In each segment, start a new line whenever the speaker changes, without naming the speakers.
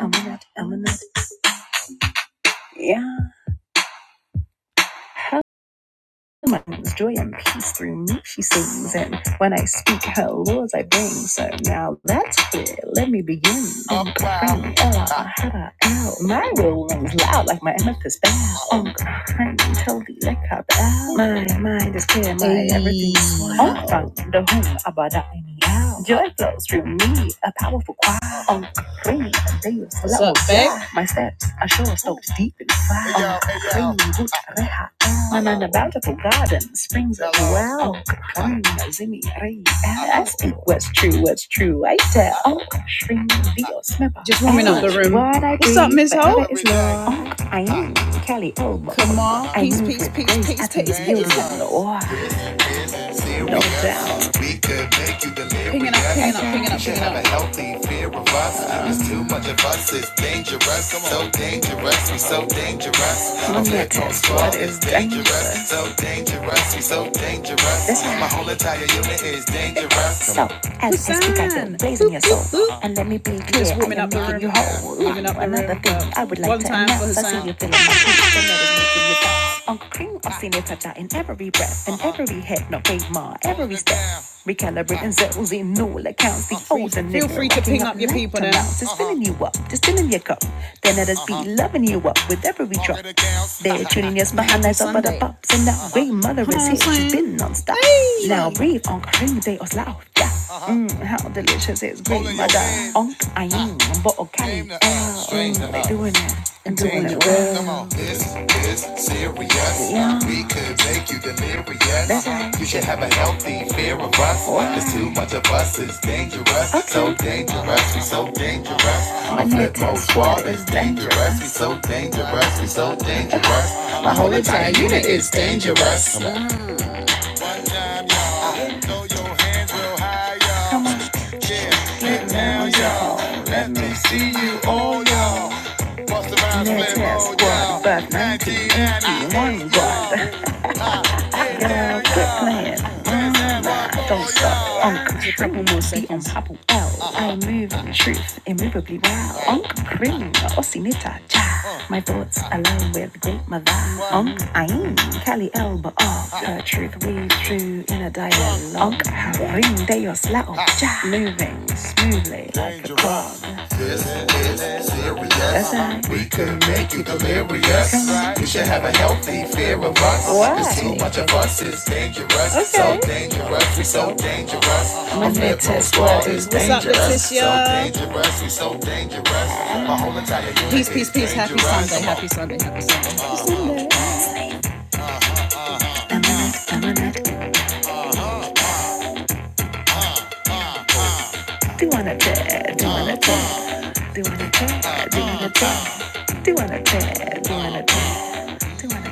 Eminent, eminent. Yeah. Hello, my name is joy and peace through me she sings, and when I speak, her laws I bring. So now that's clear. Let me begin. Uncle Frank, L, Hada, L. My will rings loud like my amethyst bell. Uncle Frank, tell the lick up out. My mind is clear, my Ayy. everything's swell. Uncle Frank, the whom about that any out. Joy flows through me, a powerful choir. Uncle Frank, a day of My steps are sure soaked deep in fire. Hey, yo, hey, Reha. And a bountiful garden springs a well. Zimmy Ray. I speak what's true, what's true. I tell. Onk Shring Dio Snipper. What I guess love. Onk I am Kelly Elbow. Or no doubt. Let me what is dangerous. This is myself. And let me be. you're feeling my heat, you bounce. Uncle Cream, I've seen it touch out in every breath, in every head, not gave my every step. Recalibrating zeros in all accounts. The older nigga Feel free to ping up up your loud people to then. filling you up, just filling your cup. Then let us be loving you up with every drop. They're tuning us behind that top of the pops. And that way, mother is on, here. She's Slim. been non stop. Now Hey! breathe on Karim de Oslao. Yeah. Mm, how delicious is green, mother. On I'm but okay. they're doing it. and doing it well is serious. Yeah. We could make you delirious. Uh-uh. You should have a healthy fear of us. What? Cause too much of us is dangerous. Okay. So dangerous, we so dangerous. My flip squad is dangerous. We so dangerous, we so dangerous. My whole entire unit is dangerous. One time, y'all. Throw your hands real high, y'all. Yeah, get down, y'all. Let me see you all, y'all. Bust around, flip, all, y'all. 1991, y'all. Girl, quit playing. Mm, nah, don't stop. Uncle Cream will be on Pablo L. I move in truth, immovably wow. Uncle Cream, Aussie Nita, cha. My thoughts align with great mother. Unc Ain, Cali L, but oh, her truth we true in a dialogue. Unc Harim, they are slat on, cha. Moving smoothly like a clog. This is That's serious. right. We could make you delirious. You should have a healthy fear of us. Why? Cause too Why? much of us is dangerous. Okay. So Okay. dangerous, we so dangerous. Our When they mental test what squad is is that? dangerous. We so dangerous. My whole entire unit. Doing a tad, doing a tad, doing a tad, doing a tad, doing a tad, doing a tad, doing a tad.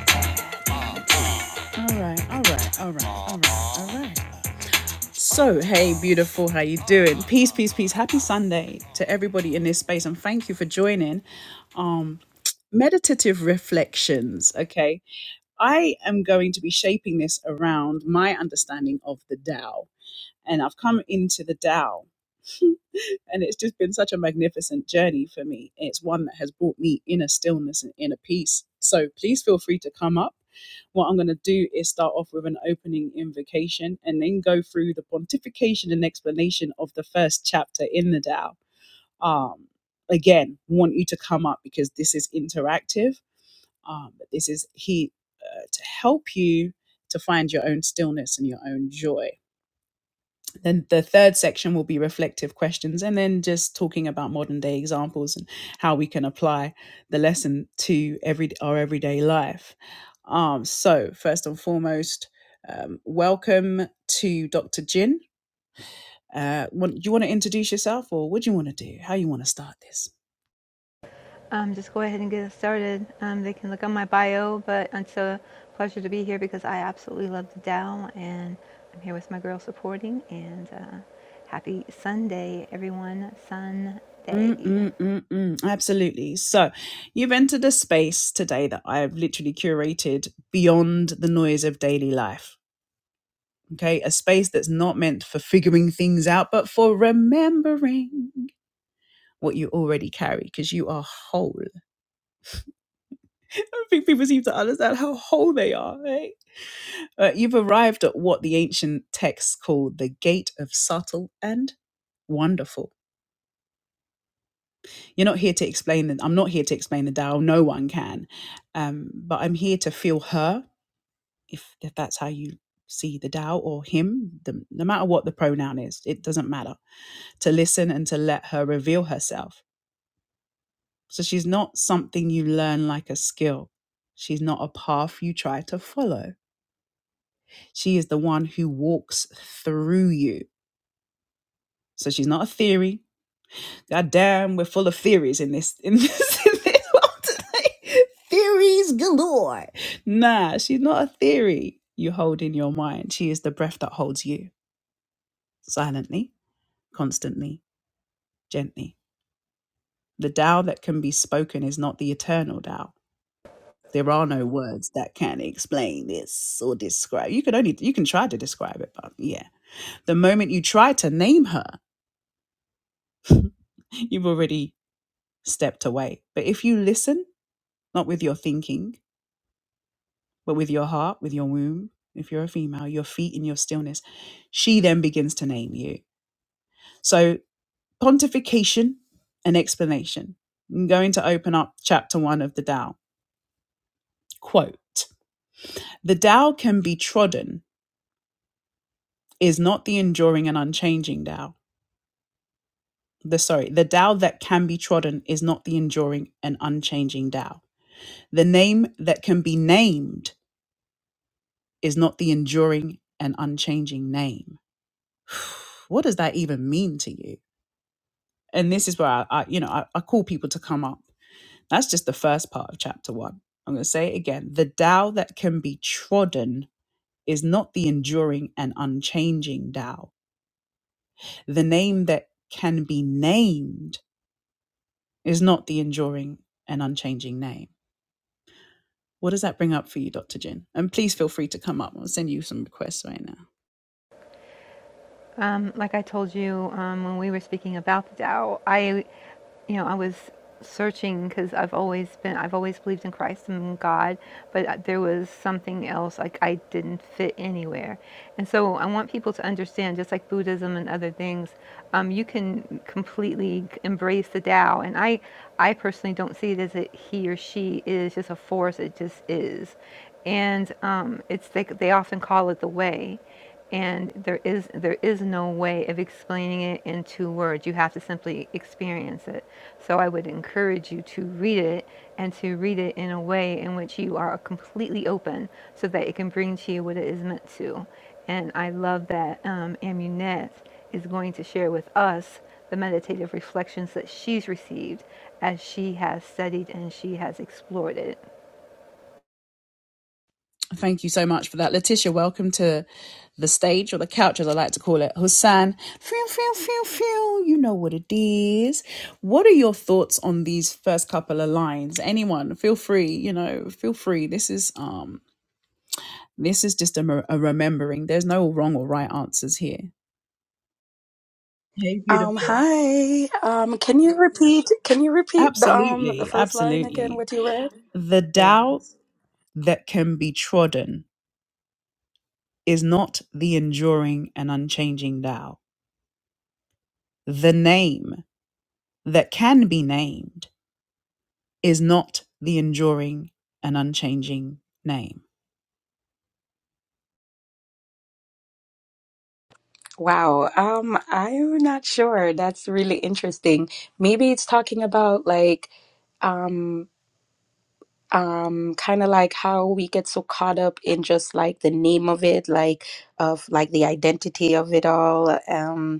Um, just go ahead and get us started. Um, they can look on my bio, but it's a pleasure to be here because I absolutely love the Dow, and I'm here with my girl supporting. And uh, happy Sunday, everyone! Sunday. Um, like I told you um, when we were speaking about the Tao, I, you know, I was searching because I've always been, I've always believed in Christ and God, but there was something else. Like I didn't fit anywhere, and so I want people to understand, just like Buddhism and other things, um, you can completely embrace the Tao. And I, I personally don't see it as a he or she is just a force. It just is, and um, it's they, they often call it the way and there is there is no way of explaining it in two words you have to simply experience it so i would encourage you to read it and to read it in a way in which you are completely open so that it can bring to you what it is meant to and i love that um, amunet is going to share with us the meditative reflections that she's received as she has studied and she has explored it
Um, hi. Um, can you repeat, can you repeat the, um, the first line again, what you read? Wow. Um, I'm not sure. That's really interesting. Maybe it's talking about like, um, um, kind of like how we get so caught up in just like the name of it, like of like the identity of it all. Um,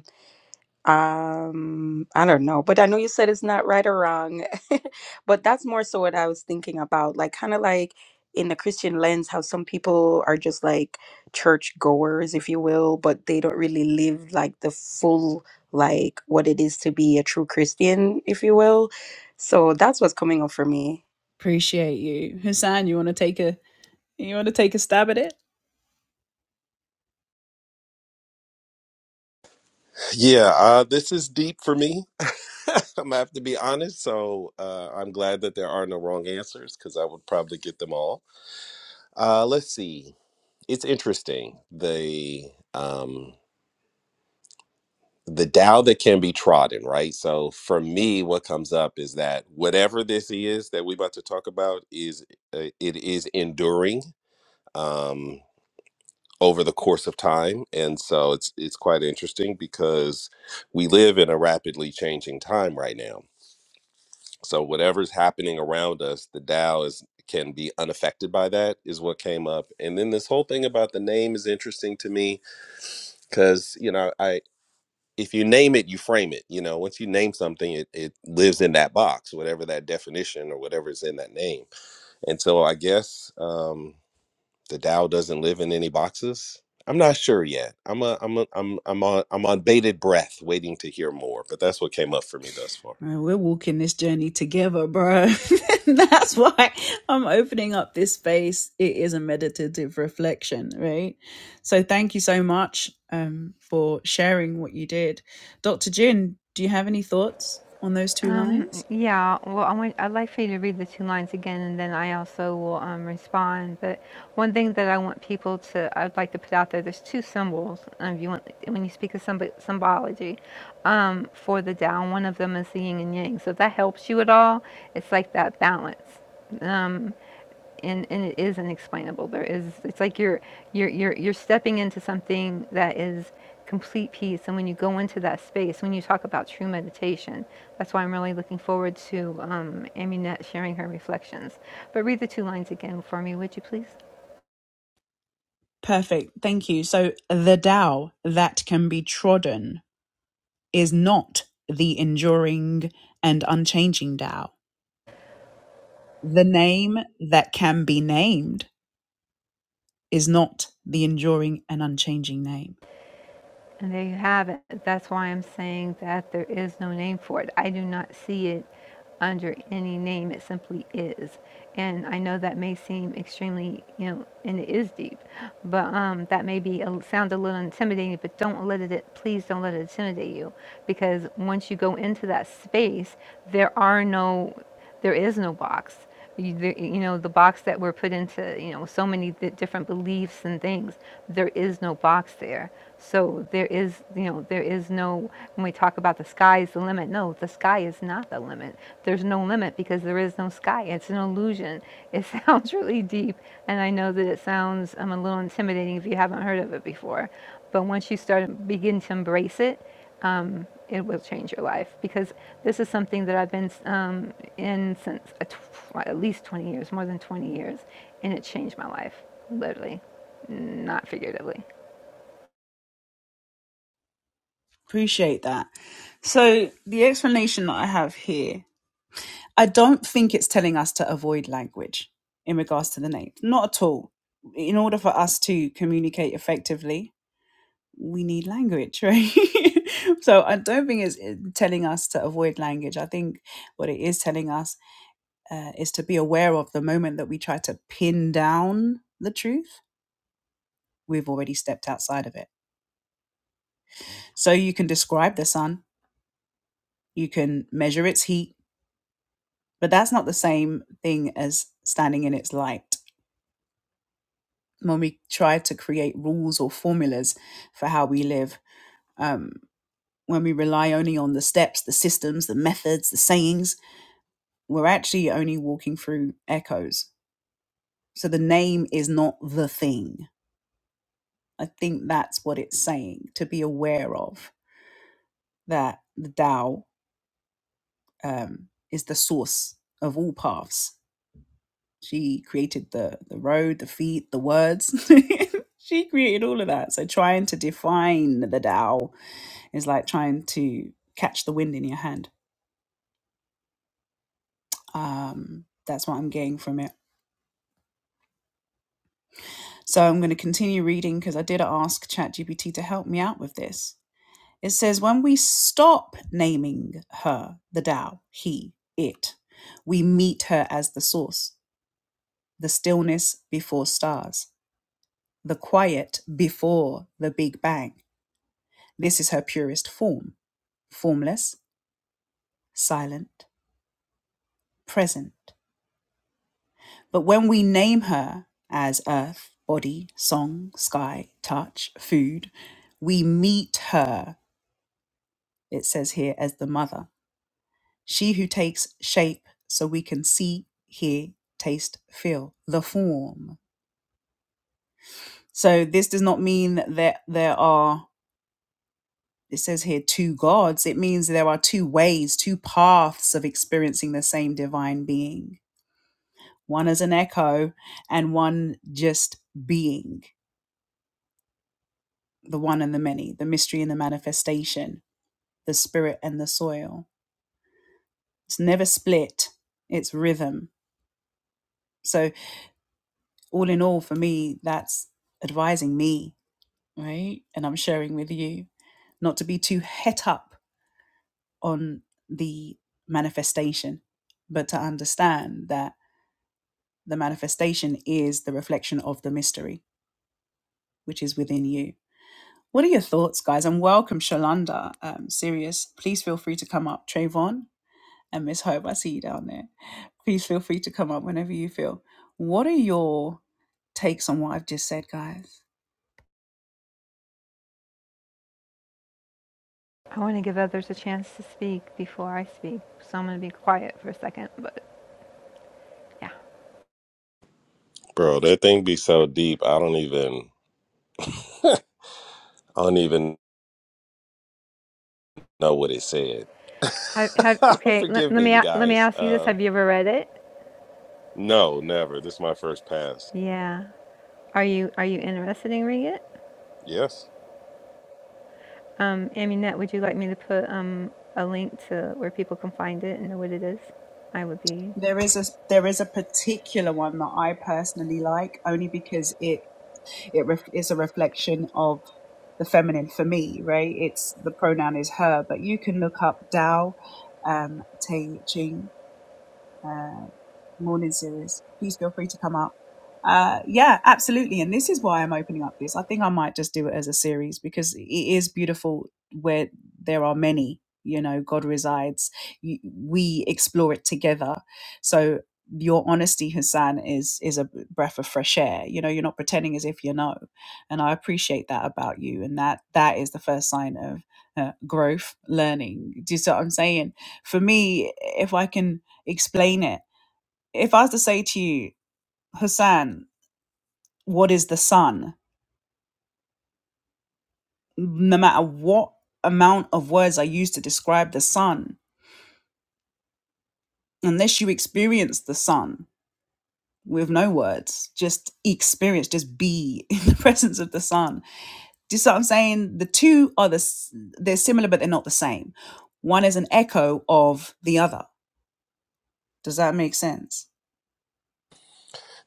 Um, I don't know, but I know you said it's not right or wrong, but that's more so what I was thinking about, like kind of like in the Christian lens, how some people are just like church goers, if you will, but they don't really live like the full like what it is to be a true Christian, if you will. So that's what's coming up for me.
Yeah, uh, this is deep for me. I'm gonna have to be honest. So uh, I'm glad that there are no wrong answers because I would probably get them all. Uh, let's see. It's interesting the um, the Tao that can be trodden, right? So for me, what comes up is that whatever this is that we're about to talk about is uh, it is enduring um, over the course of time, and so it's it's quite interesting because we live in a rapidly changing time right now So whatever's happening around us, the Tao is can be unaffected by that is what came up. And then this whole thing about the name is interesting to me because you know I if you name it, you frame it. You know, once you name something, it, it lives in that box, whatever that definition or whatever is in that name. And so I guess um, the Tao doesn't live in any boxes. I'm not sure yet. I'm a, I'm a, I'm I'm on I'm on bated breath, waiting to hear more. But that's what came up for me thus far,
Yeah, well, I want, I'd like for you to read the two lines again, and then I also will um, respond. But one thing that I want people to, I'd like to put out there, there's two symbols. Um, if you want, when you speak of symb- symbology, um, for the Tao, one of them is the yin and yang. So if that helps you at all, it's like that balance and and it is unexplainable. There is it's like you're you're you're you're stepping into something that is complete peace. And when you go into that space, when you talk about true meditation, that's why I'm really looking forward to um, Aminette sharing her reflections. But read the two lines again for me, would you please? And there you have it. That's why I'm saying that there is no name for it. I do not see it under any name. It simply is. And I know that may seem extremely, you know, and it is deep, but um, that may be a, sound a little intimidating. But don't let it. Please don't let it intimidate you, because once you go into that space, there are no, there is no box you, the, you know the box that we're put into you know so many di different beliefs and things there is no box there so there is you know there is no when we talk about the sky is the limit no the sky is not the limit there's no limit because there is no sky it's an illusion it sounds really deep and i know that it sounds um, a little intimidating if you haven't heard of it before but once you start begin to embrace it um, it will change your life because this is something that I've been um, in since at least 20 years, more than 20 years, and it changed my life, literally, not figuratively. I want to give others a chance to speak before I speak, so I'm going to be quiet for a second. But yeah,
bro. That thing be so deep. I don't even. I don't even know what it said.
have, have okay. Let,
Forgive
let
me,
me
you
let me
guys.
ask you this:
Um,
Have you ever read it?
no, never. This is my first pass.
Yeah. Are you are you interested in reading it?
Yes.
Um, Aminette, would you like me to put um, a link to where people can find it and know what it is? I would be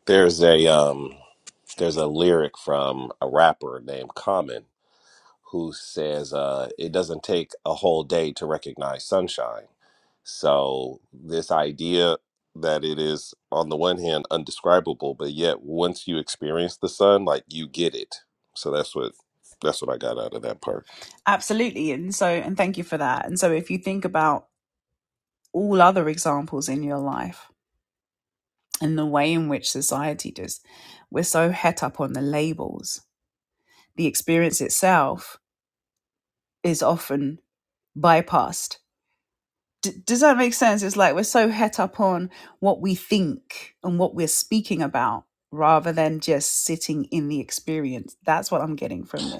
There's a um, there's a lyric from a rapper named Common who says, uh, "It doesn't take a whole day to recognize sunshine." So this idea that it is on the one hand undescribable, but yet once you experience the sun, like you get it. So that's what that's what I got out of that part.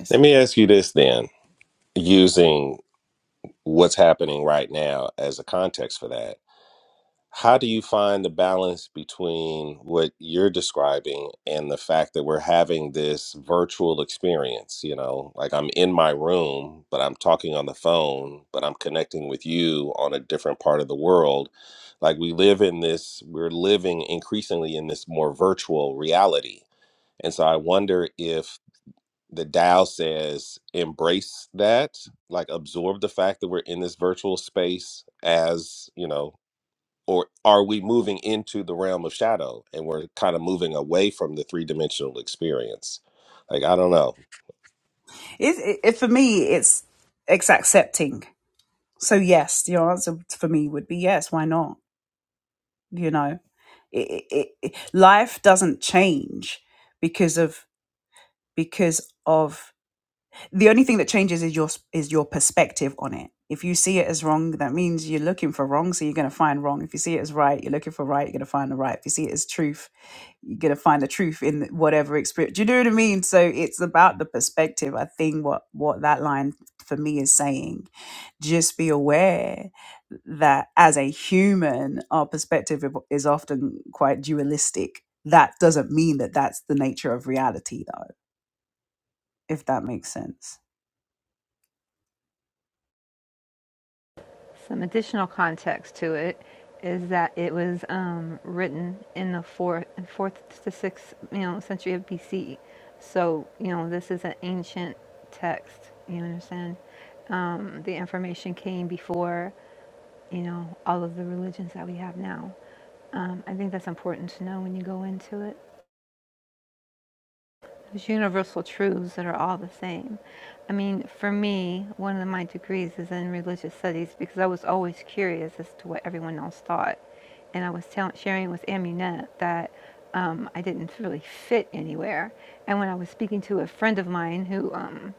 Let me ask you this then using what's happening right now as a context for that, how do you find the balance between what you're describing and the fact that we're having this virtual experience? You know, like I'm in my room, but I'm talking on the phone, but I'm connecting with you on a different part of the world. Like we live in this, we're living increasingly in this more virtual reality. And so I wonder if the Tao says embrace that, like absorb the fact that we're in this virtual space as, you know, or are we moving into the realm of shadow and we're kind of moving away from the three dimensional experience? Like, I don't know.
Some additional context to it is that it was um, written in the fourth, fourth to sixth, you know, century of BC. So you know, this is an ancient text. You understand? Um, the information came before you know all of the religions that we have now. Um, I think that's important to know when you go into it. There's universal truths that are all the same. I mean, for me, one of my degrees is in religious studies because I was always curious as to what everyone else thought. And I was tell- sharing with Amunet that um, I didn't really fit anywhere. And when I was speaking to a friend of mine who um,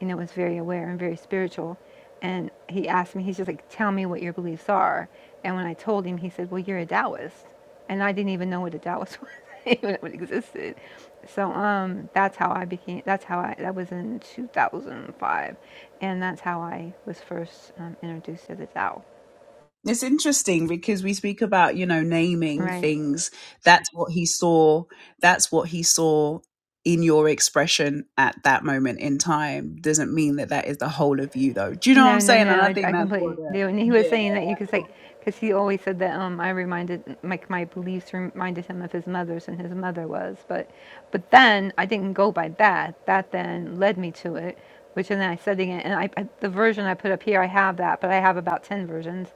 you know, was very aware and very spiritual. And he asked me, he's just like, tell me what your beliefs are. And when I told him, he said, well, you're a Taoist. And I didn't even know what a Taoist was, even if it existed. So um, that's how I became, that's how I, that was in 2005. And that's how I was first um, introduced to the Tao. Right. No, no, no. I, I completely do. And he was saying that you could say, because he always said that um, I reminded, like my beliefs reminded him of his mother's and his mother was. But, but then I didn't go by that. That then led me to it, which and then I studied it. And I, I, the version I put up here, I have that, but I have about 10 versions.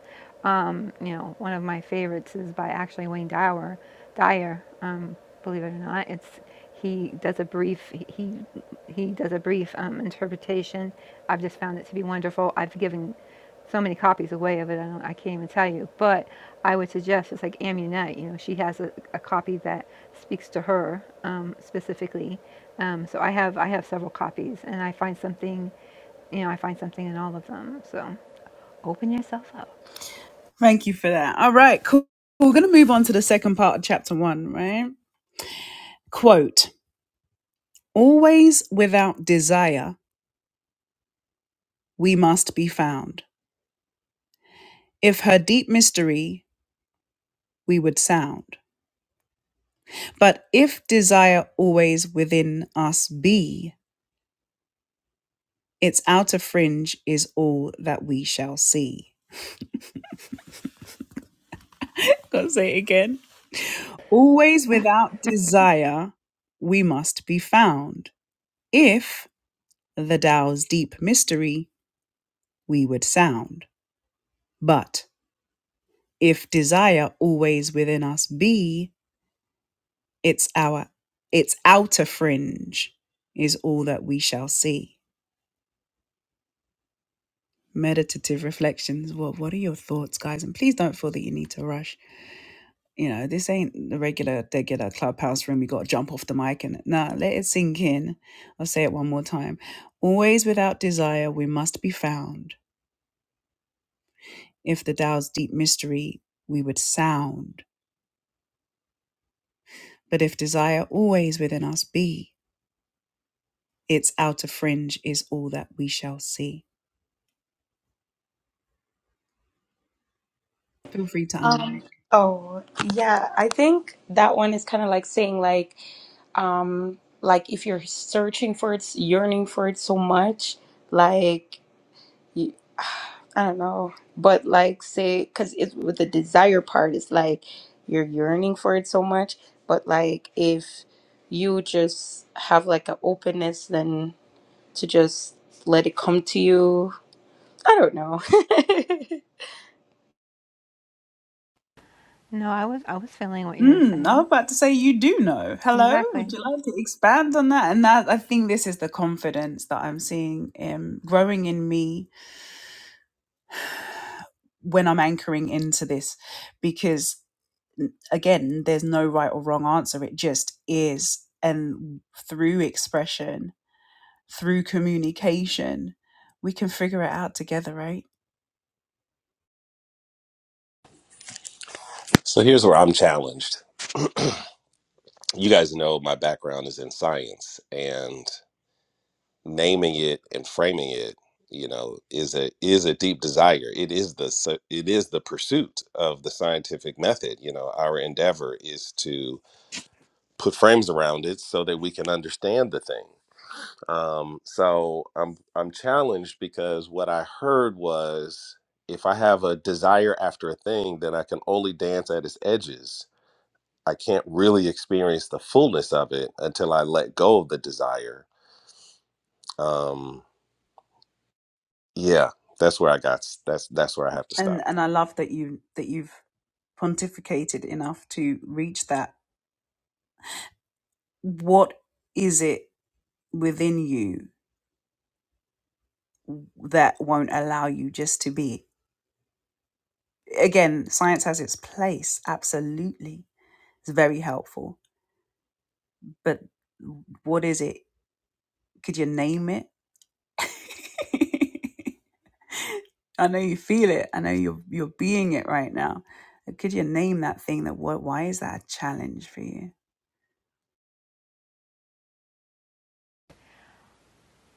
Um, you know, one of my favorites is by actually Wayne Dyer. Dyer, um, believe it or not. It's he does a brief he he does a brief um, interpretation. I've just found it to be wonderful. I've given so many copies away of it. I don't I can't even tell you. But I would suggest it's like Amunet. You know, she has a, a copy that speaks to her um, specifically. Um, so I have I have several copies, and I find something you know, I find something in all of them. So open yourself up.
Um, Oh, yeah, I think that one is kind of like saying like um like if you're searching for it yearning for it so much like you, i don't know but like say because it's with the desire part it's like you're yearning for it so much but like if you just have like an openness then to just let it come to you i don't know
No, I was I was feeling what you were saying. Exactly.
So here's where I'm challenged. You guys know my background is in science and naming it and framing it you know is a is a deep desire it is the s- it is the pursuit of the scientific method you know our endeavor is to put frames around it so that we can understand the thing. Um, so I'm I'm challenged because what I heard was if I have a desire after a thing, then I can only dance at its edges. I can't really experience the fullness of it until I let go of the desire. Um, yeah, that's where I got. s- That's that's where I have to stop.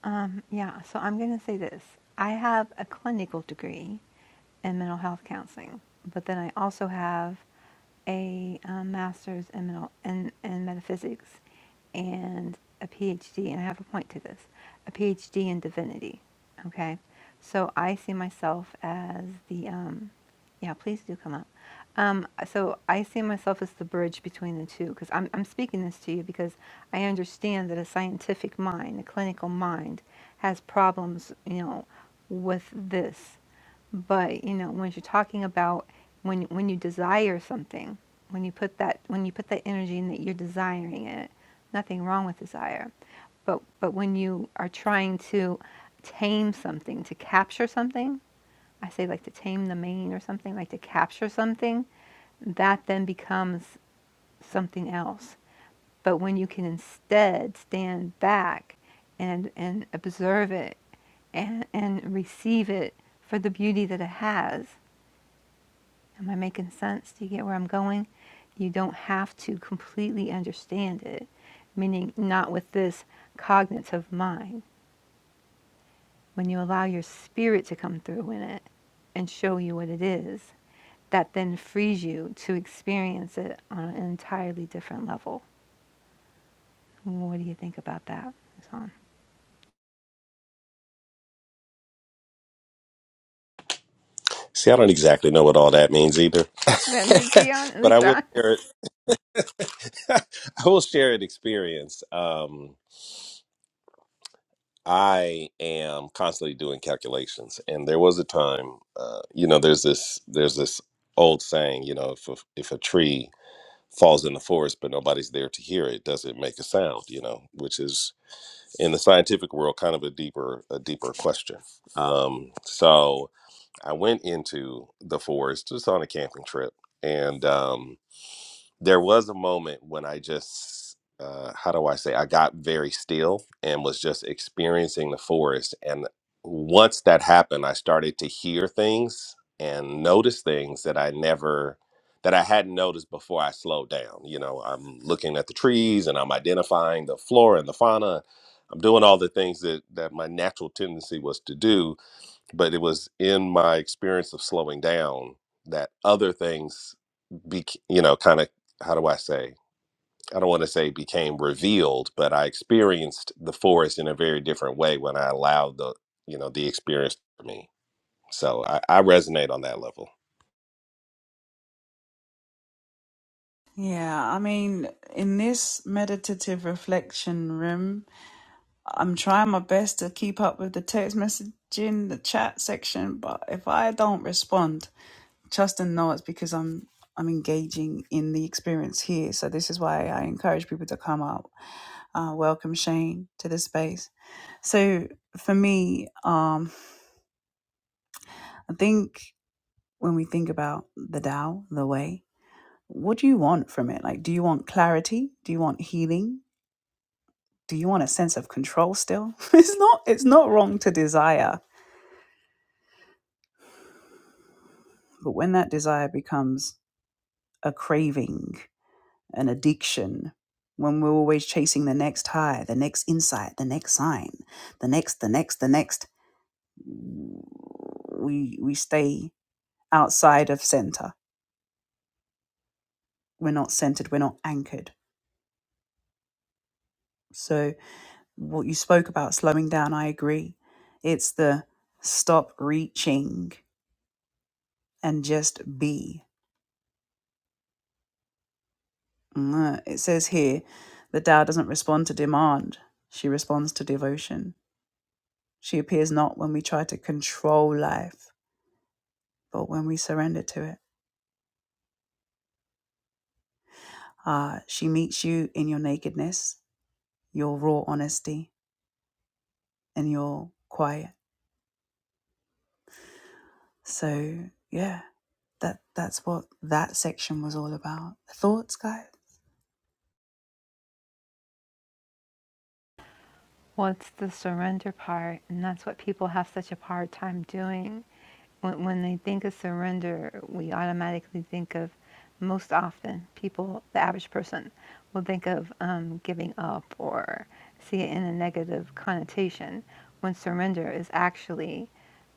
Um, yeah, so I'm going to say this. I have a clinical degree in mental health counseling, but then I also have a um, master's in, mental, in, in metaphysics and a PhD, and I have a point to this a PhD in divinity. Okay, so I see myself as the um, yeah, please do come up. Um, so I see myself as the bridge between the two because I'm, I'm speaking this to you because I understand that a scientific mind, a clinical mind, has problems, you know, with this. But you know, when you're talking about when when you desire something, when you put that when you put that energy in that you're desiring it, nothing wrong with desire. But but when you are trying to tame something, to capture something, I say like to tame the mane or something, like to capture something, that then becomes something else. But when you can instead stand back and and observe it and and receive it for the beauty that it has. Am I making sense? Do you get where I'm going? You don't have to completely understand it, meaning not with this cognitive mind. when you allow your spirit to come through in it and show you what it is, that then frees you to experience it on an entirely different level. What do you think about that, Hassan?
See, I don't exactly know what all that means either,
Then just be
but I
honest,
will share
honest.
it. I will share an experience. Um, I am constantly doing calculations, and there was a time, uh, you know, there's this there's this old saying, you know, if a, if a tree falls in the forest but nobody's there to hear it, does it make a sound? You know, which is in the scientific world kind of a deeper a deeper question. Um, so I went into the forest just on a camping trip, and um, there was a moment when I just, uh, how do I say, I got very still and was just experiencing the forest. And once that happened, I started to hear things and notice things that I never, that I hadn't noticed before I slowed down. You know, I'm looking at the trees and I'm identifying the flora and the fauna. I'm doing all the things that, that my natural tendency was to do but it was in my experience of slowing down that other things be you know kind of how do i say i don't want to say became revealed but i experienced the forest in a very different way when i allowed the you know the experience for me so i, I resonate on that level
Well, it's the surrender part, and that's what people have such a hard time doing. When, when they think of surrender, we automatically think of most often people, the average person, will think of um, giving up or see it in a negative connotation. When surrender is actually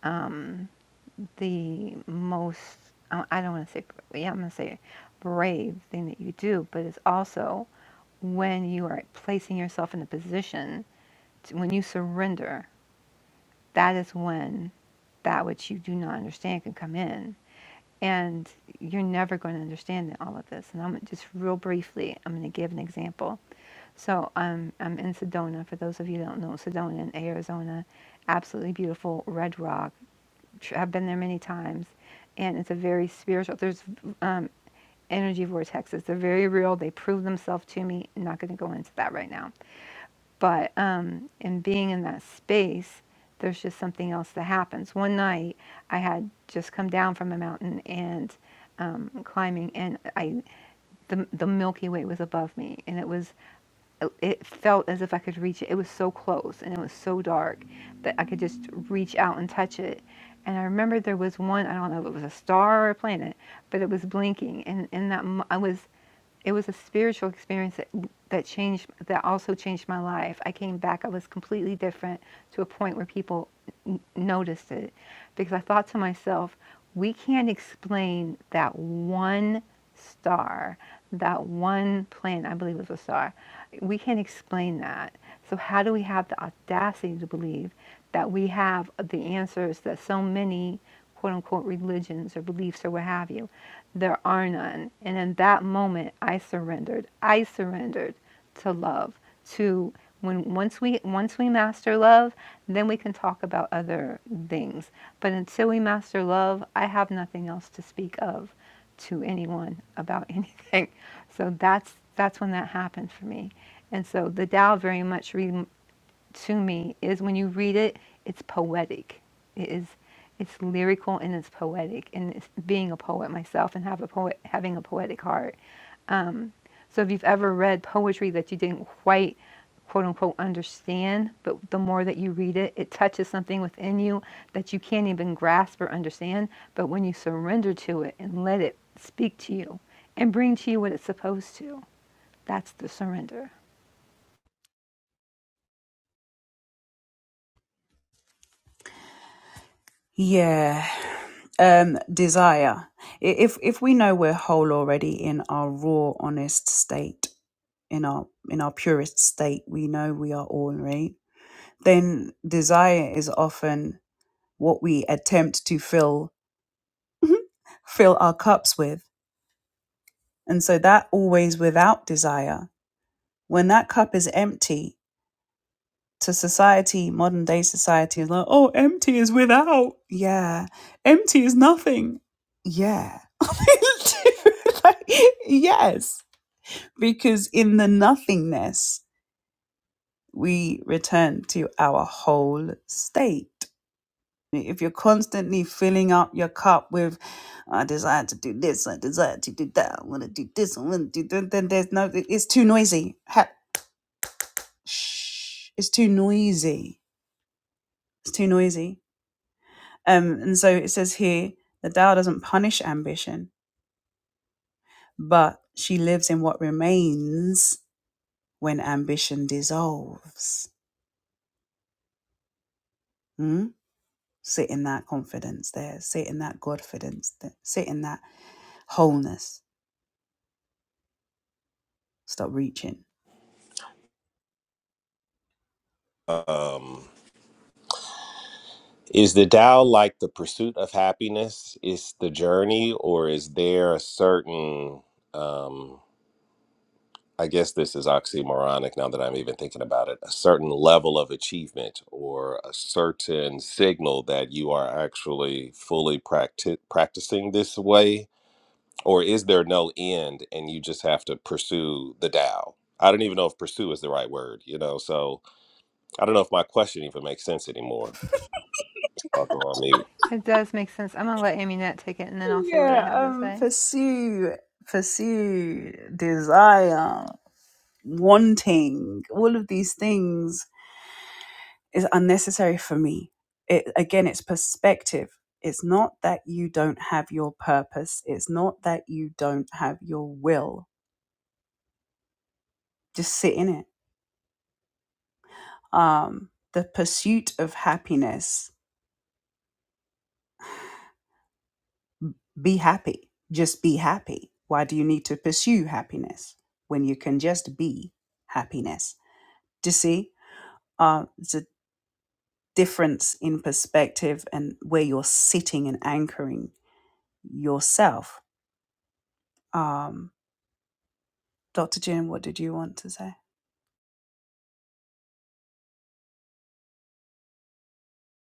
um, the most, I don't want to say, yeah, I'm going to say brave thing that you do, but it's also when you are placing yourself in a position, to, when you surrender, that is when that which you do not understand can come in. And you're never going to understand all of this. And I'm just real briefly, I'm going to give an example. So um, I'm in Sedona. For those of you who don't know, Sedona in Arizona, absolutely beautiful red rock. I've been there many times, and it's a very spiritual. There's um, energy vortexes. They're very real. They prove themselves to me. I'm not going to go into that right now, but um, in being in that space, there's just something else that happens. One night, I had just come down from a mountain and um, climbing, and I the the Milky Way was above me, and it was it felt as if I could reach it. It was so close and it was so dark that I could just reach out and touch it. And I remember there was one, I don't know if it was a star or a planet, but it was blinking. And in that, mo- I was, it was a spiritual experience that, that changed, that also changed my life. I came back, I was completely different to a point where people noticed it because I thought to myself, we can't explain that one star, that one planet, I believe it was a star. We can't explain that. So, how do we have the audacity to believe that we have the answers that so many quote unquote religions or beliefs or what have you? There are none. And in that moment, I surrendered. I surrendered to love to when once we once we master love then we can talk about other things but until we master love i have nothing else to speak of to anyone about anything so that's that's when that happened for me and so the Tao very much re- to me is when you read it it's poetic it is it's lyrical and it's poetic and it's being a poet myself and have a poet having a poetic heart so if you've ever read poetry that you didn't quite quote unquote understand, but the more that you read it, it touches something within you that you can't even grasp or understand. But when you surrender to it and let it speak to you and bring to you what it's supposed to, that's the surrender.
um is the Tao like the pursuit of happiness is the journey or is there a certain um I guess this is oxymoronic now that I'm even thinking about it, a certain level of achievement or a certain signal that you are actually fully practi- practicing this way? Or is there no end and you just have to pursue the Tao? I don't even know if pursue is the right word, you know? So I don't know if my question even makes sense anymore. I'll go on mute.
It does make sense. I'm going to let Aminette take it and then I'll say what I have to say.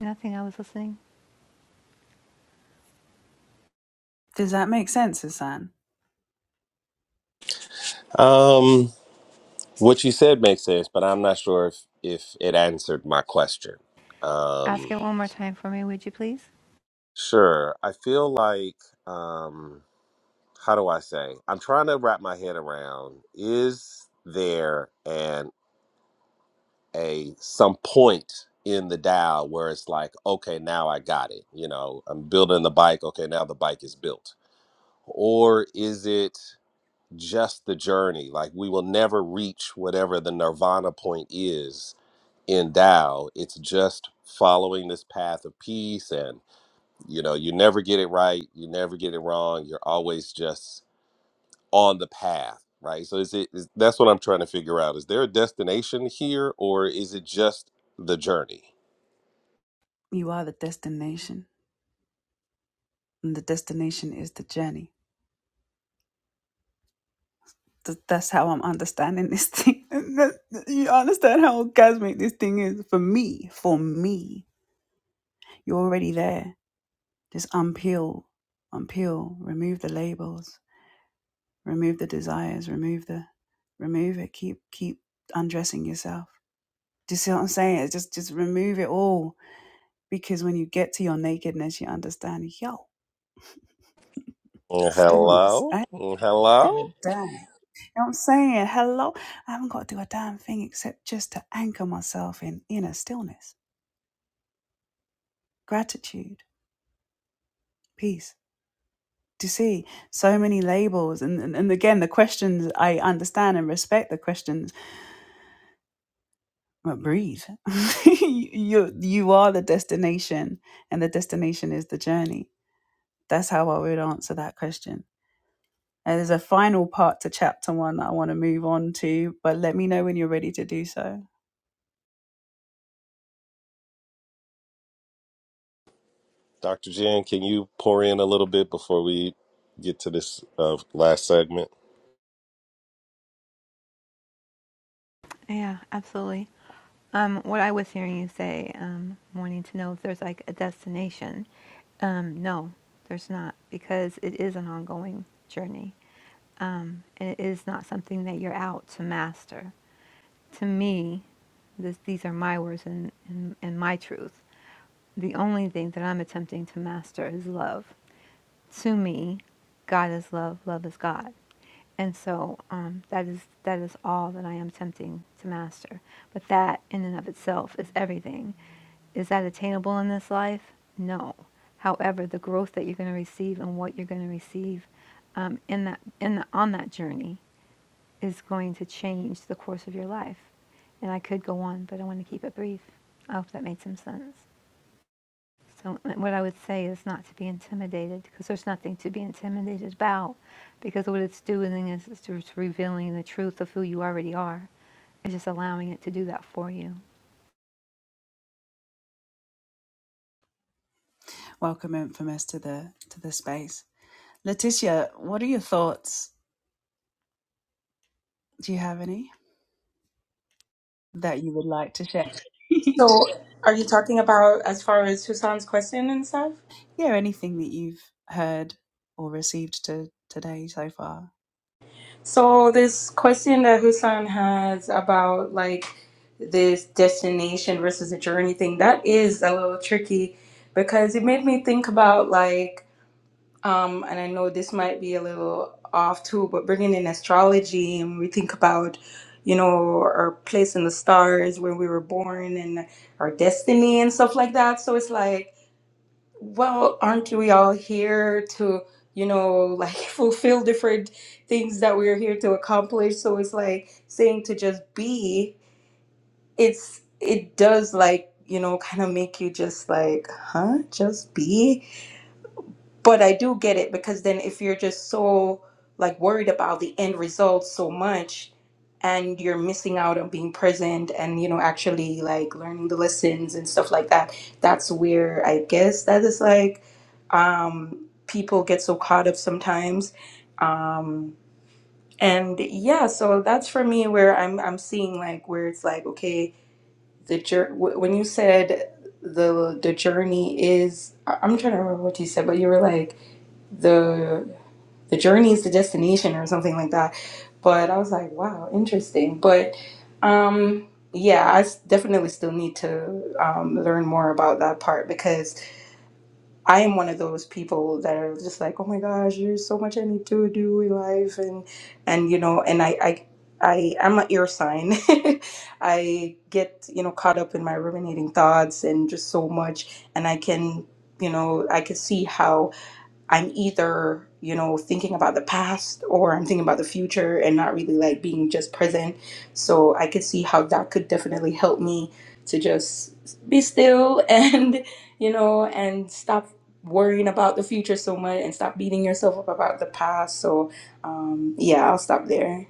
Nothing, I was listening.
Um, what you said makes sense, but I'm not sure if, if it answered my question.
Ask
Um,
it one more time for me, would you please?
Sure. I feel like, um, how do I say? I'm trying to wrap my head around is there an a some point in the dial where it's like, okay, now I got it. You know, I'm building the bike. Okay, now the bike is built. Or is it just the journey? Like we will never reach whatever the nirvana point is in Tao. It's just following this path of peace and you know you never get it right you never get it wrong you're always just on the path right so is it is, that's what i'm trying to figure out is there a destination here or is it just the journey Mm, hello Mm, hello dr jan can you pour in a little bit before we get to this uh, last segment
Yeah, absolutely. Um, what I was hearing you say, um, wanting to know if there's like a destination, um, no, there's not, because it is an ongoing journey. Um, and it is not something that you're out to master. To me, this, these are my words and, and, and my truth. The only thing that I'm attempting to master is love to me, God is love, love is God. And so um, that is that is all that I am attempting to master. But that in and of itself is everything. Is that attainable in this life? No. However, the growth that you're going to receive and what you're going to receive um, in that in the, on that journey is going to change the course of your life. And I could go on, but I want to keep it brief. I hope that made some sense. So what I would say is not to be intimidated, because there's nothing to be intimidated about, because what it's doing is it's just revealing the truth of who you already are, and just allowing it to do that for you.
so are you talking about as far as susan's question and stuff So this question that Hussein has about like this destination versus a journey thing, that is a little tricky because it made me think about like, um, and I know this might be a little off too, but bringing in astrology and we think about, you know, our place in the stars where we were born and our destiny and stuff like that. So it's like well, aren't we all here to, you know, like fulfill different things that we're here to accomplish? So it's like saying to just be, it's it does like, you know, kind of make you just like, huh? Just be? but I do get it because then if you're just so like worried about the end result so much and you're missing out on being present and you know actually like learning the lessons and stuff like that that's where I guess that is like um people get so caught up sometimes um and yeah so that's for me where I'm I'm seeing like where it's like okay the jour- wh- when you said the the journey is I- I'm trying to remember what you said but you were like the the journey is the destination or something like that. But I was like, wow, interesting. But um, yeah, I s- definitely still need to um, learn more about that part because I am one of those people that are just like, oh my gosh, there's so much I need to do in life, and and you know, and I I. I am an ear sign. I get, you know, caught up in my ruminating thoughts and just so much. And I can, you know, I can see how I'm either, you know, thinking about the past or I'm thinking about the future and not really like being just present. So I could see how that could definitely help me to just be still and, you know, and stop worrying about the future so much and stop beating yourself up about the past. So um, yeah, I'll stop there.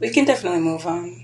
We can definitely move on.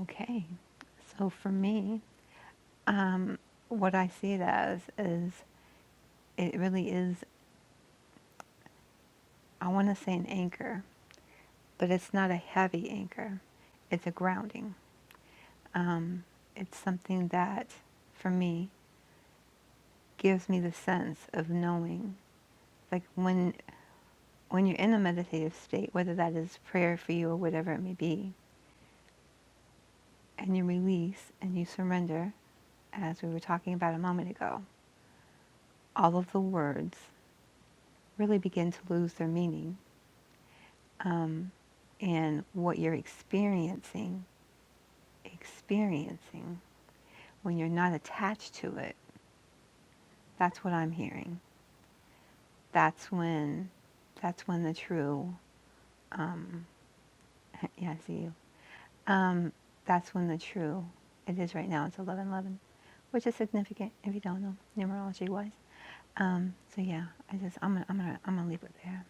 Okay. So for me, um, what I see it as is it really is. I want to say an anchor, but it's not a heavy anchor. It's a grounding. Um, it's something that, for me, gives me the sense of knowing like when when you're in a meditative state, whether that is prayer for you or whatever it may be, and you release and you surrender, as we were talking about a moment ago, all of the words really begin to lose their meaning. And what you're experiencing, experiencing, when you're not attached to it, that's what I'm hearing. That's when, that's when the true, yeah, I see you. Um, that's when the true, it is right now, it's 1111, which is significant if you don't know, numerology wise. Um, so yeah, I just, I'm gonna, I'm gonna, I'm gonna leave it there.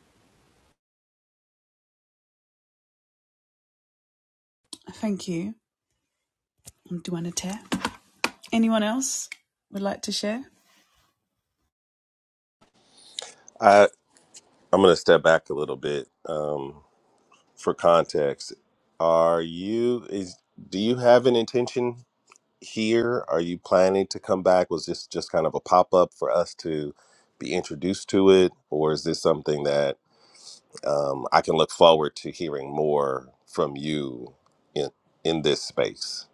i i'm going to step back a little bit um, for context are you is do you have an intention here? Are you planning to come back? Was this just kind of a pop up for us to be introduced to it, or is this something that um, I can look forward to hearing more from you in in this space?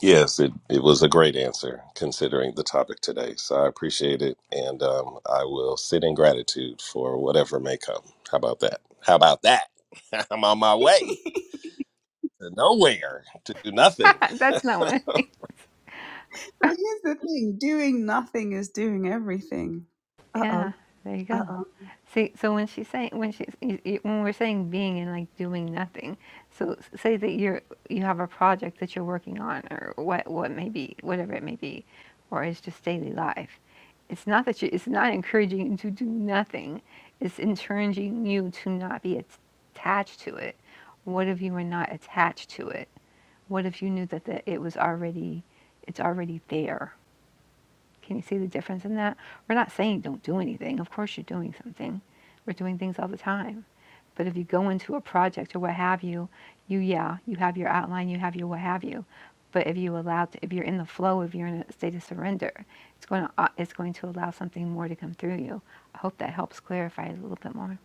Yes, it, it was a great answer considering the topic today. So I appreciate it. And um, I will sit in gratitude for whatever may come. How about that? How about that? I'm on my way to nowhere, to do nothing.
that's not what I Yeah, there you go. See, so when she's saying when she's y- y- when we're saying being and like doing nothing, so s- say that you're you have a project that you're working on or what what may be whatever it may be, or it's just daily life. It's not that you. It's not encouraging you to do nothing. It's encouraging you to not be at- attached to it. What if you were not attached to it? What if you knew that the, it was already, it's already there? Can you see the difference in that? We're not saying don't do anything. Of course, you're doing something. We're doing things all the time. But if you go into a project or what have you, you, yeah, you have your outline, you have your what have you. But if you allow, to, if you're in the flow, if you're in a state of surrender, it's going to, uh, it's going to allow something more to come through you. I hope that helps clarify it a little bit more.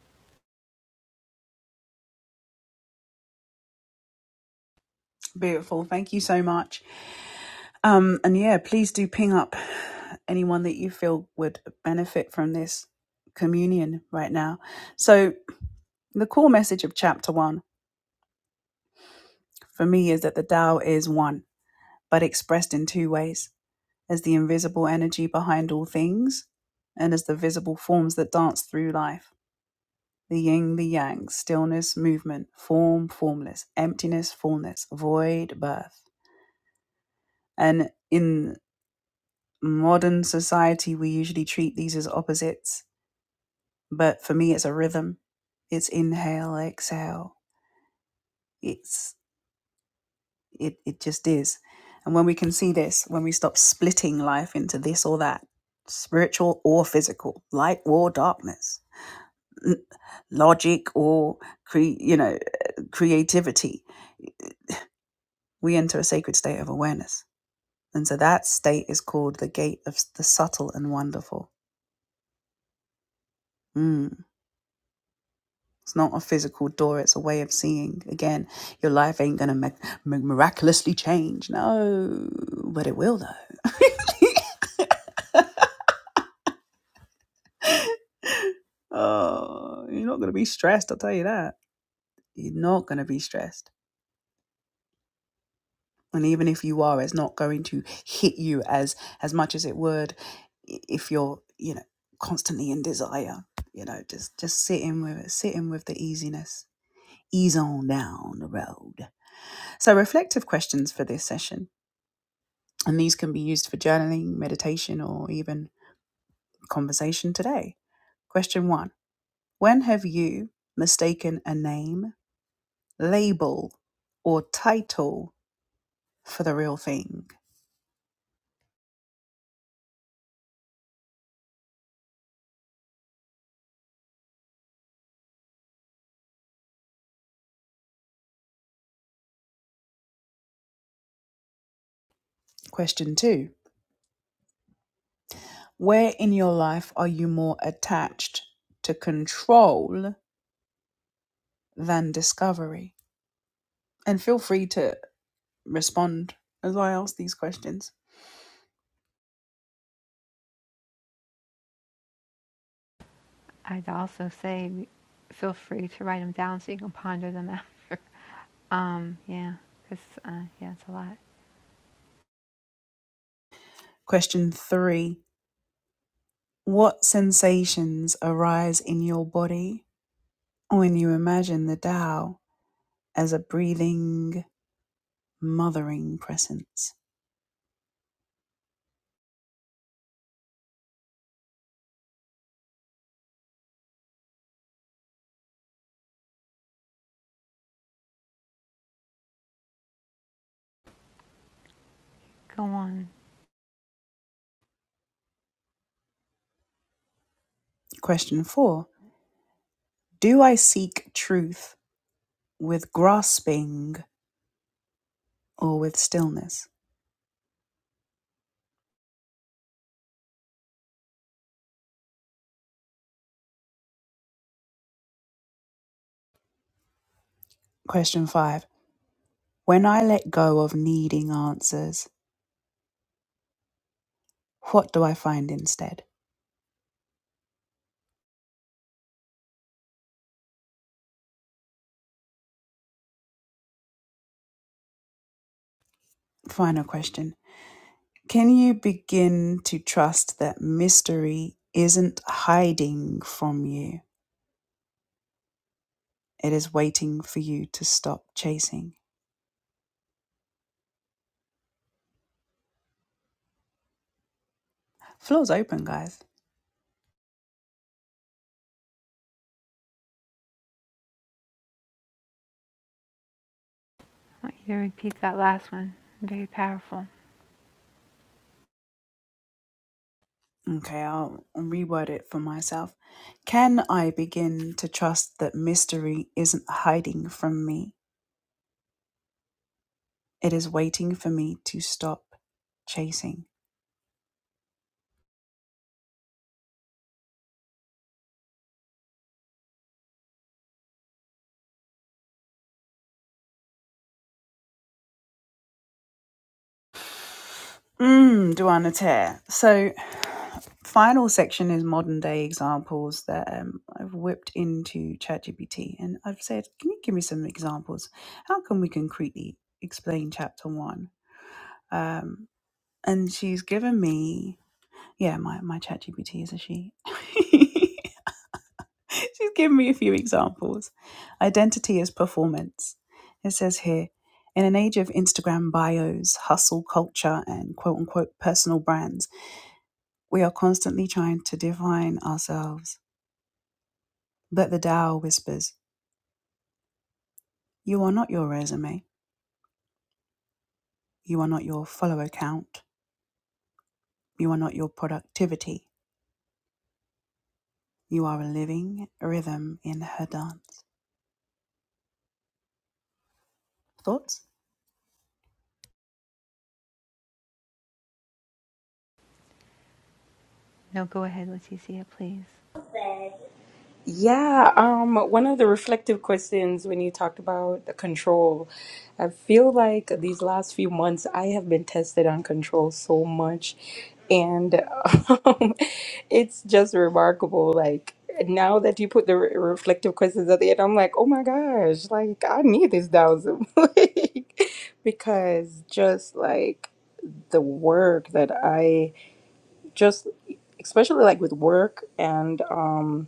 I'd also say feel free to write them down so you can ponder them after. Um, yeah, because, uh, yeah, it's a lot. Go on. I want you to repeat that last one. Very powerful. No, go ahead, Leticia, please.
Yeah, um, one of the reflective questions when you talked about the control, I feel like these last few months I have been tested on control so much, and um, it's just remarkable. Like now that you put the re- reflective questions at the end, I'm like, oh my gosh, like I need this thousand, like, because just like the work that I just, especially like with work and um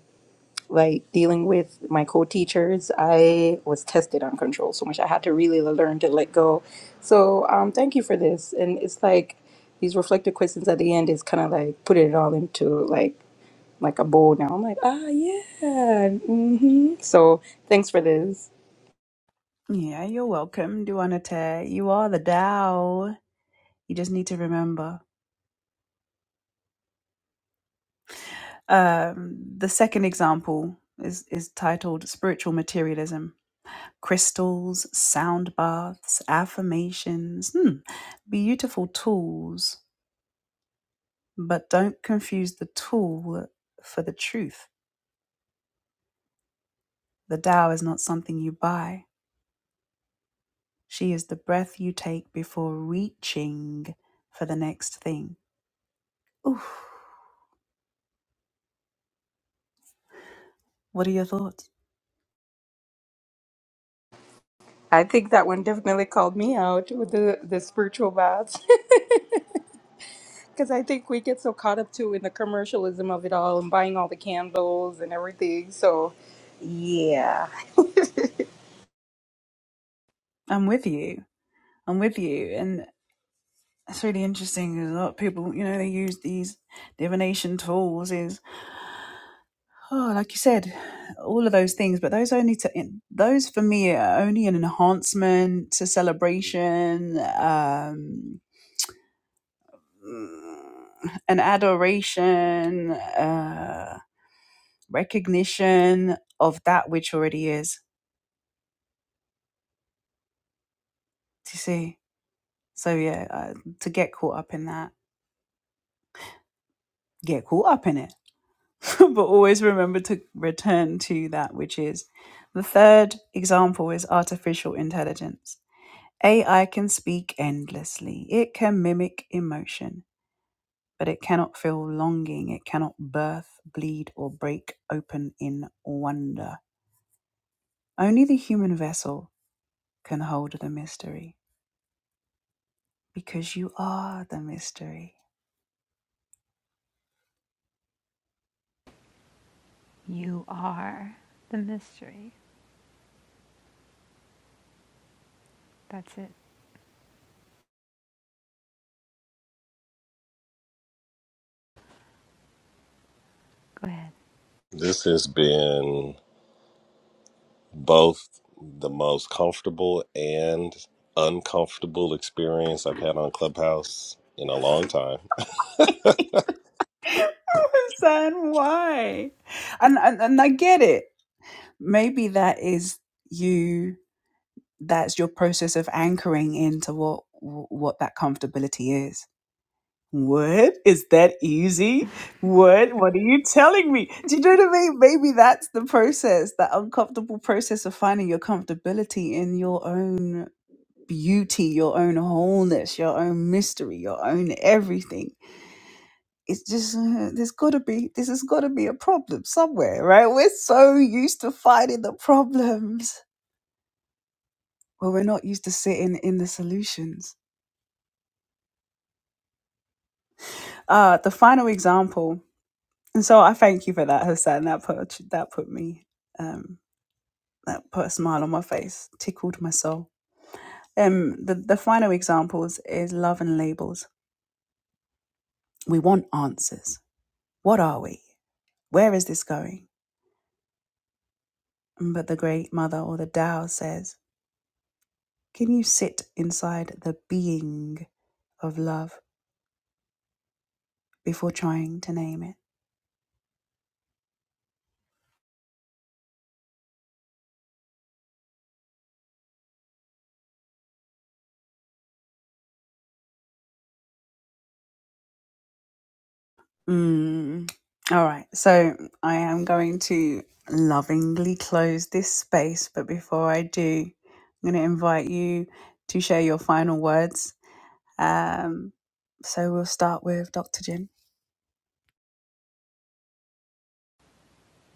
like dealing with my co-teachers i was tested on control so much i had to really learn to let go so um, thank you for this and it's like these reflective questions at the end is kind of like putting it all into like like a bowl now i'm like ah yeah hmm so thanks for this i think that one definitely called me out with the the spiritual baths because i think we get so caught up too in the commercialism of it all and buying all the candles and everything so yeah
You are the mystery. That's it. Go ahead.
This has been both the most comfortable and uncomfortable experience I've had on Clubhouse in a long time.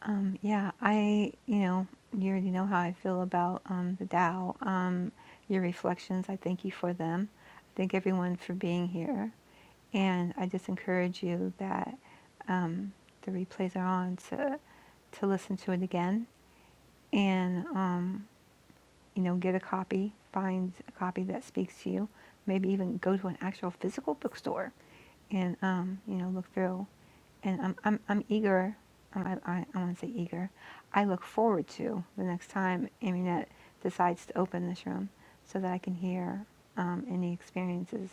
Um, yeah, I, you know, you already know how I feel about um, the Tao. Um, your reflections, I thank you for them. I thank everyone for being here. And I just encourage you that um, the replays are on to, to listen to it again. And um, you know, get a copy, find a copy that speaks to you. Maybe even go to an actual physical bookstore and, um, you know, look through. And I'm, I'm, I'm eager, I, I, I want to say eager, I look forward to the next time Aminette decides to open this room so that I can hear um, any experiences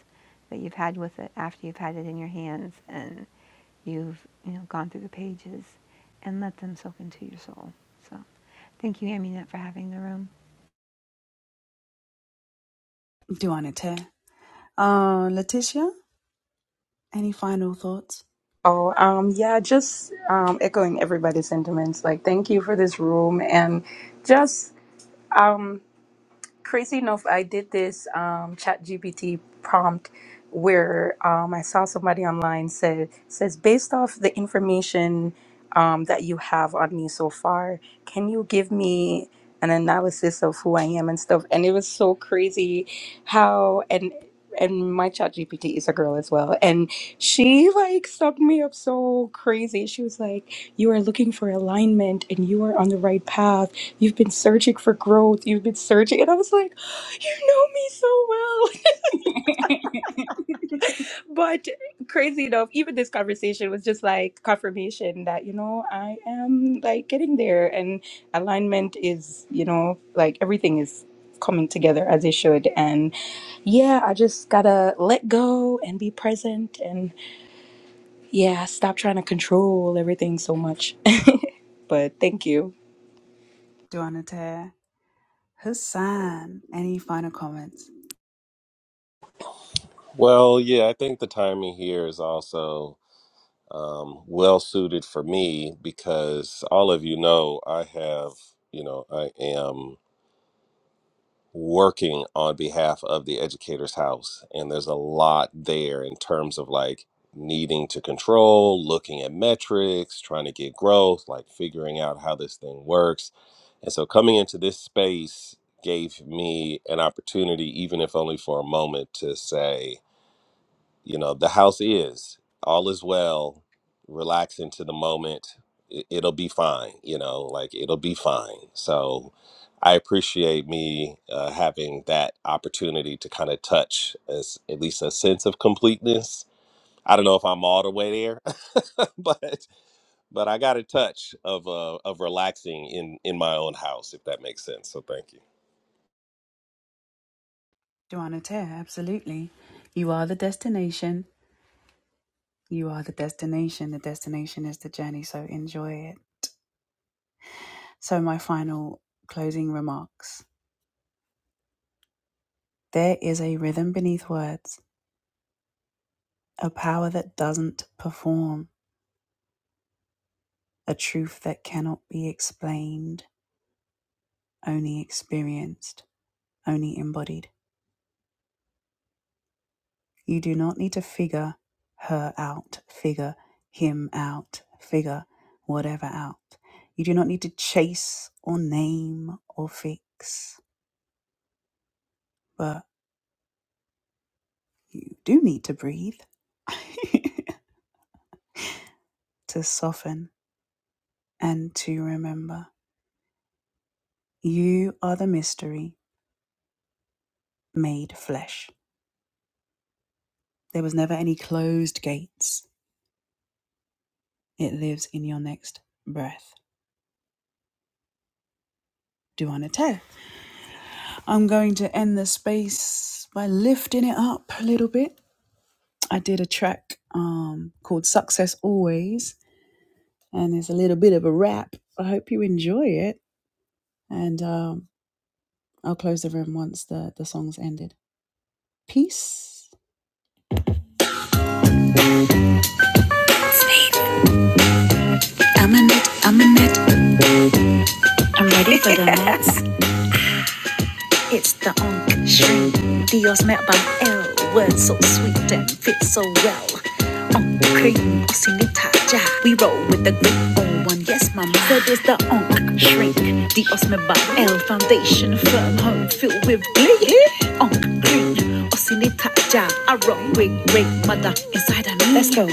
that you've had with it after you've had it in your hands and you've, you know, gone through the pages and let them soak into your soul. So thank you, Aminette, for having the room.
Oh, um, yeah, just um, echoing everybody's sentiments. Like, thank you for this room, and just um crazy enough, I did this um, chat GPT prompt where um, I saw somebody online said says based off the information um, that you have on me so far, can you give me an analysis of who I am and stuff? And it was so crazy how and and my chat GPT is a girl as well. And she like sucked me up so crazy. She was like, You are looking for alignment and you are on the right path you've been searching for growth you've been searching and i was like you know me so well but crazy enough even this conversation was just like confirmation that you know i am like getting there and alignment is you know like everything is coming together as it should and yeah i just gotta let go and be present and yeah stop trying to control everything so much but thank you
Well, yeah, I think the timing here is also um, well suited for me because all of you know I have, you know, I am. working on behalf of the educators house and there's a lot there in terms of like needing to control looking at metrics trying to get growth like figuring out how this thing works and so coming into this space gave me an opportunity even if only for a moment to say you know the house is all is well relax into the moment it, it'll be fine you know like it'll be fine so i appreciate me uh, having that opportunity to kind of touch as at least a sense of completeness i don't know if i'm all the way there but but i got a touch of uh of relaxing in in my own house if that makes sense so thank you
I'm in it, I'm in it, I'm ready for the night. It's the on street. Dios met by L. Words so sweet and fit so well. On cream, sinita ja. We roll with the great old one. Yes, mama. So there's the on shrink. Dios met by L. Foundation firm, home filled with glee. On green, osinita ja. Spells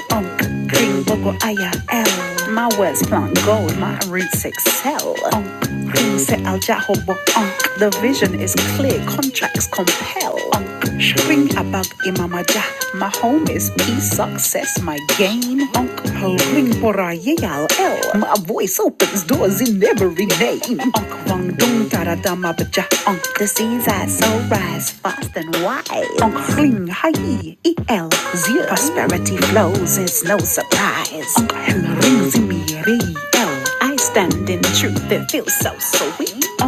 doors in every name. Onk wong dong taradama baja. Onk the seeds I sow. Onk prosperity flows and snow submarines. I truth that feels so sweet.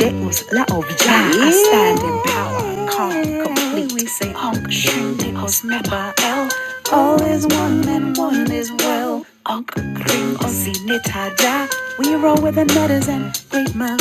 That was La Ovija. I stand in power, calm, complete. We say almost never L. All is one and one is well. Oxy We roll with the nutters and great man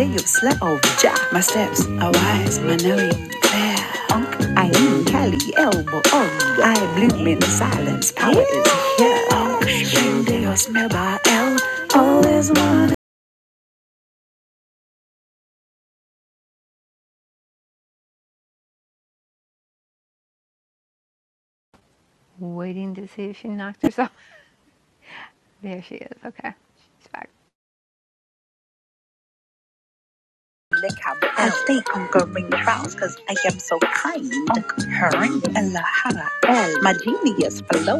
day of Jaman. I highly elbow. I bloom in silence. Power is here. Oh, Deus never.
Waiting to see if she knocked herself. There she is. Okay. She's back.
I go ring the bells 'cause I am so kind. Her and La My genius flow.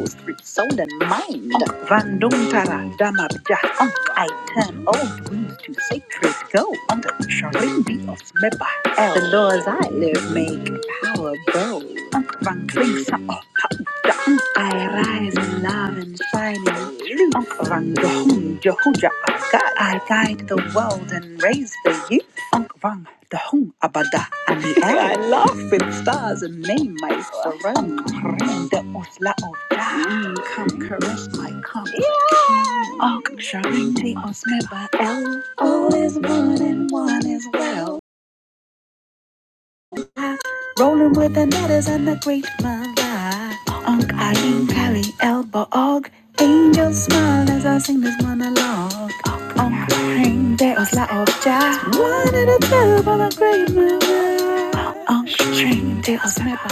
Surrender us, la of thine. Come, caress my comfort. Oh, Sharente us, member L. All is one and one is well. Rolling with the nutters and the great mala. Onk, Ayin, Kali, Elba, Og. Angels smile as I sing this monologue. Onk, Ayin, there us, la of Jah. One and a two, for the great mala. Onk, Sharente us, member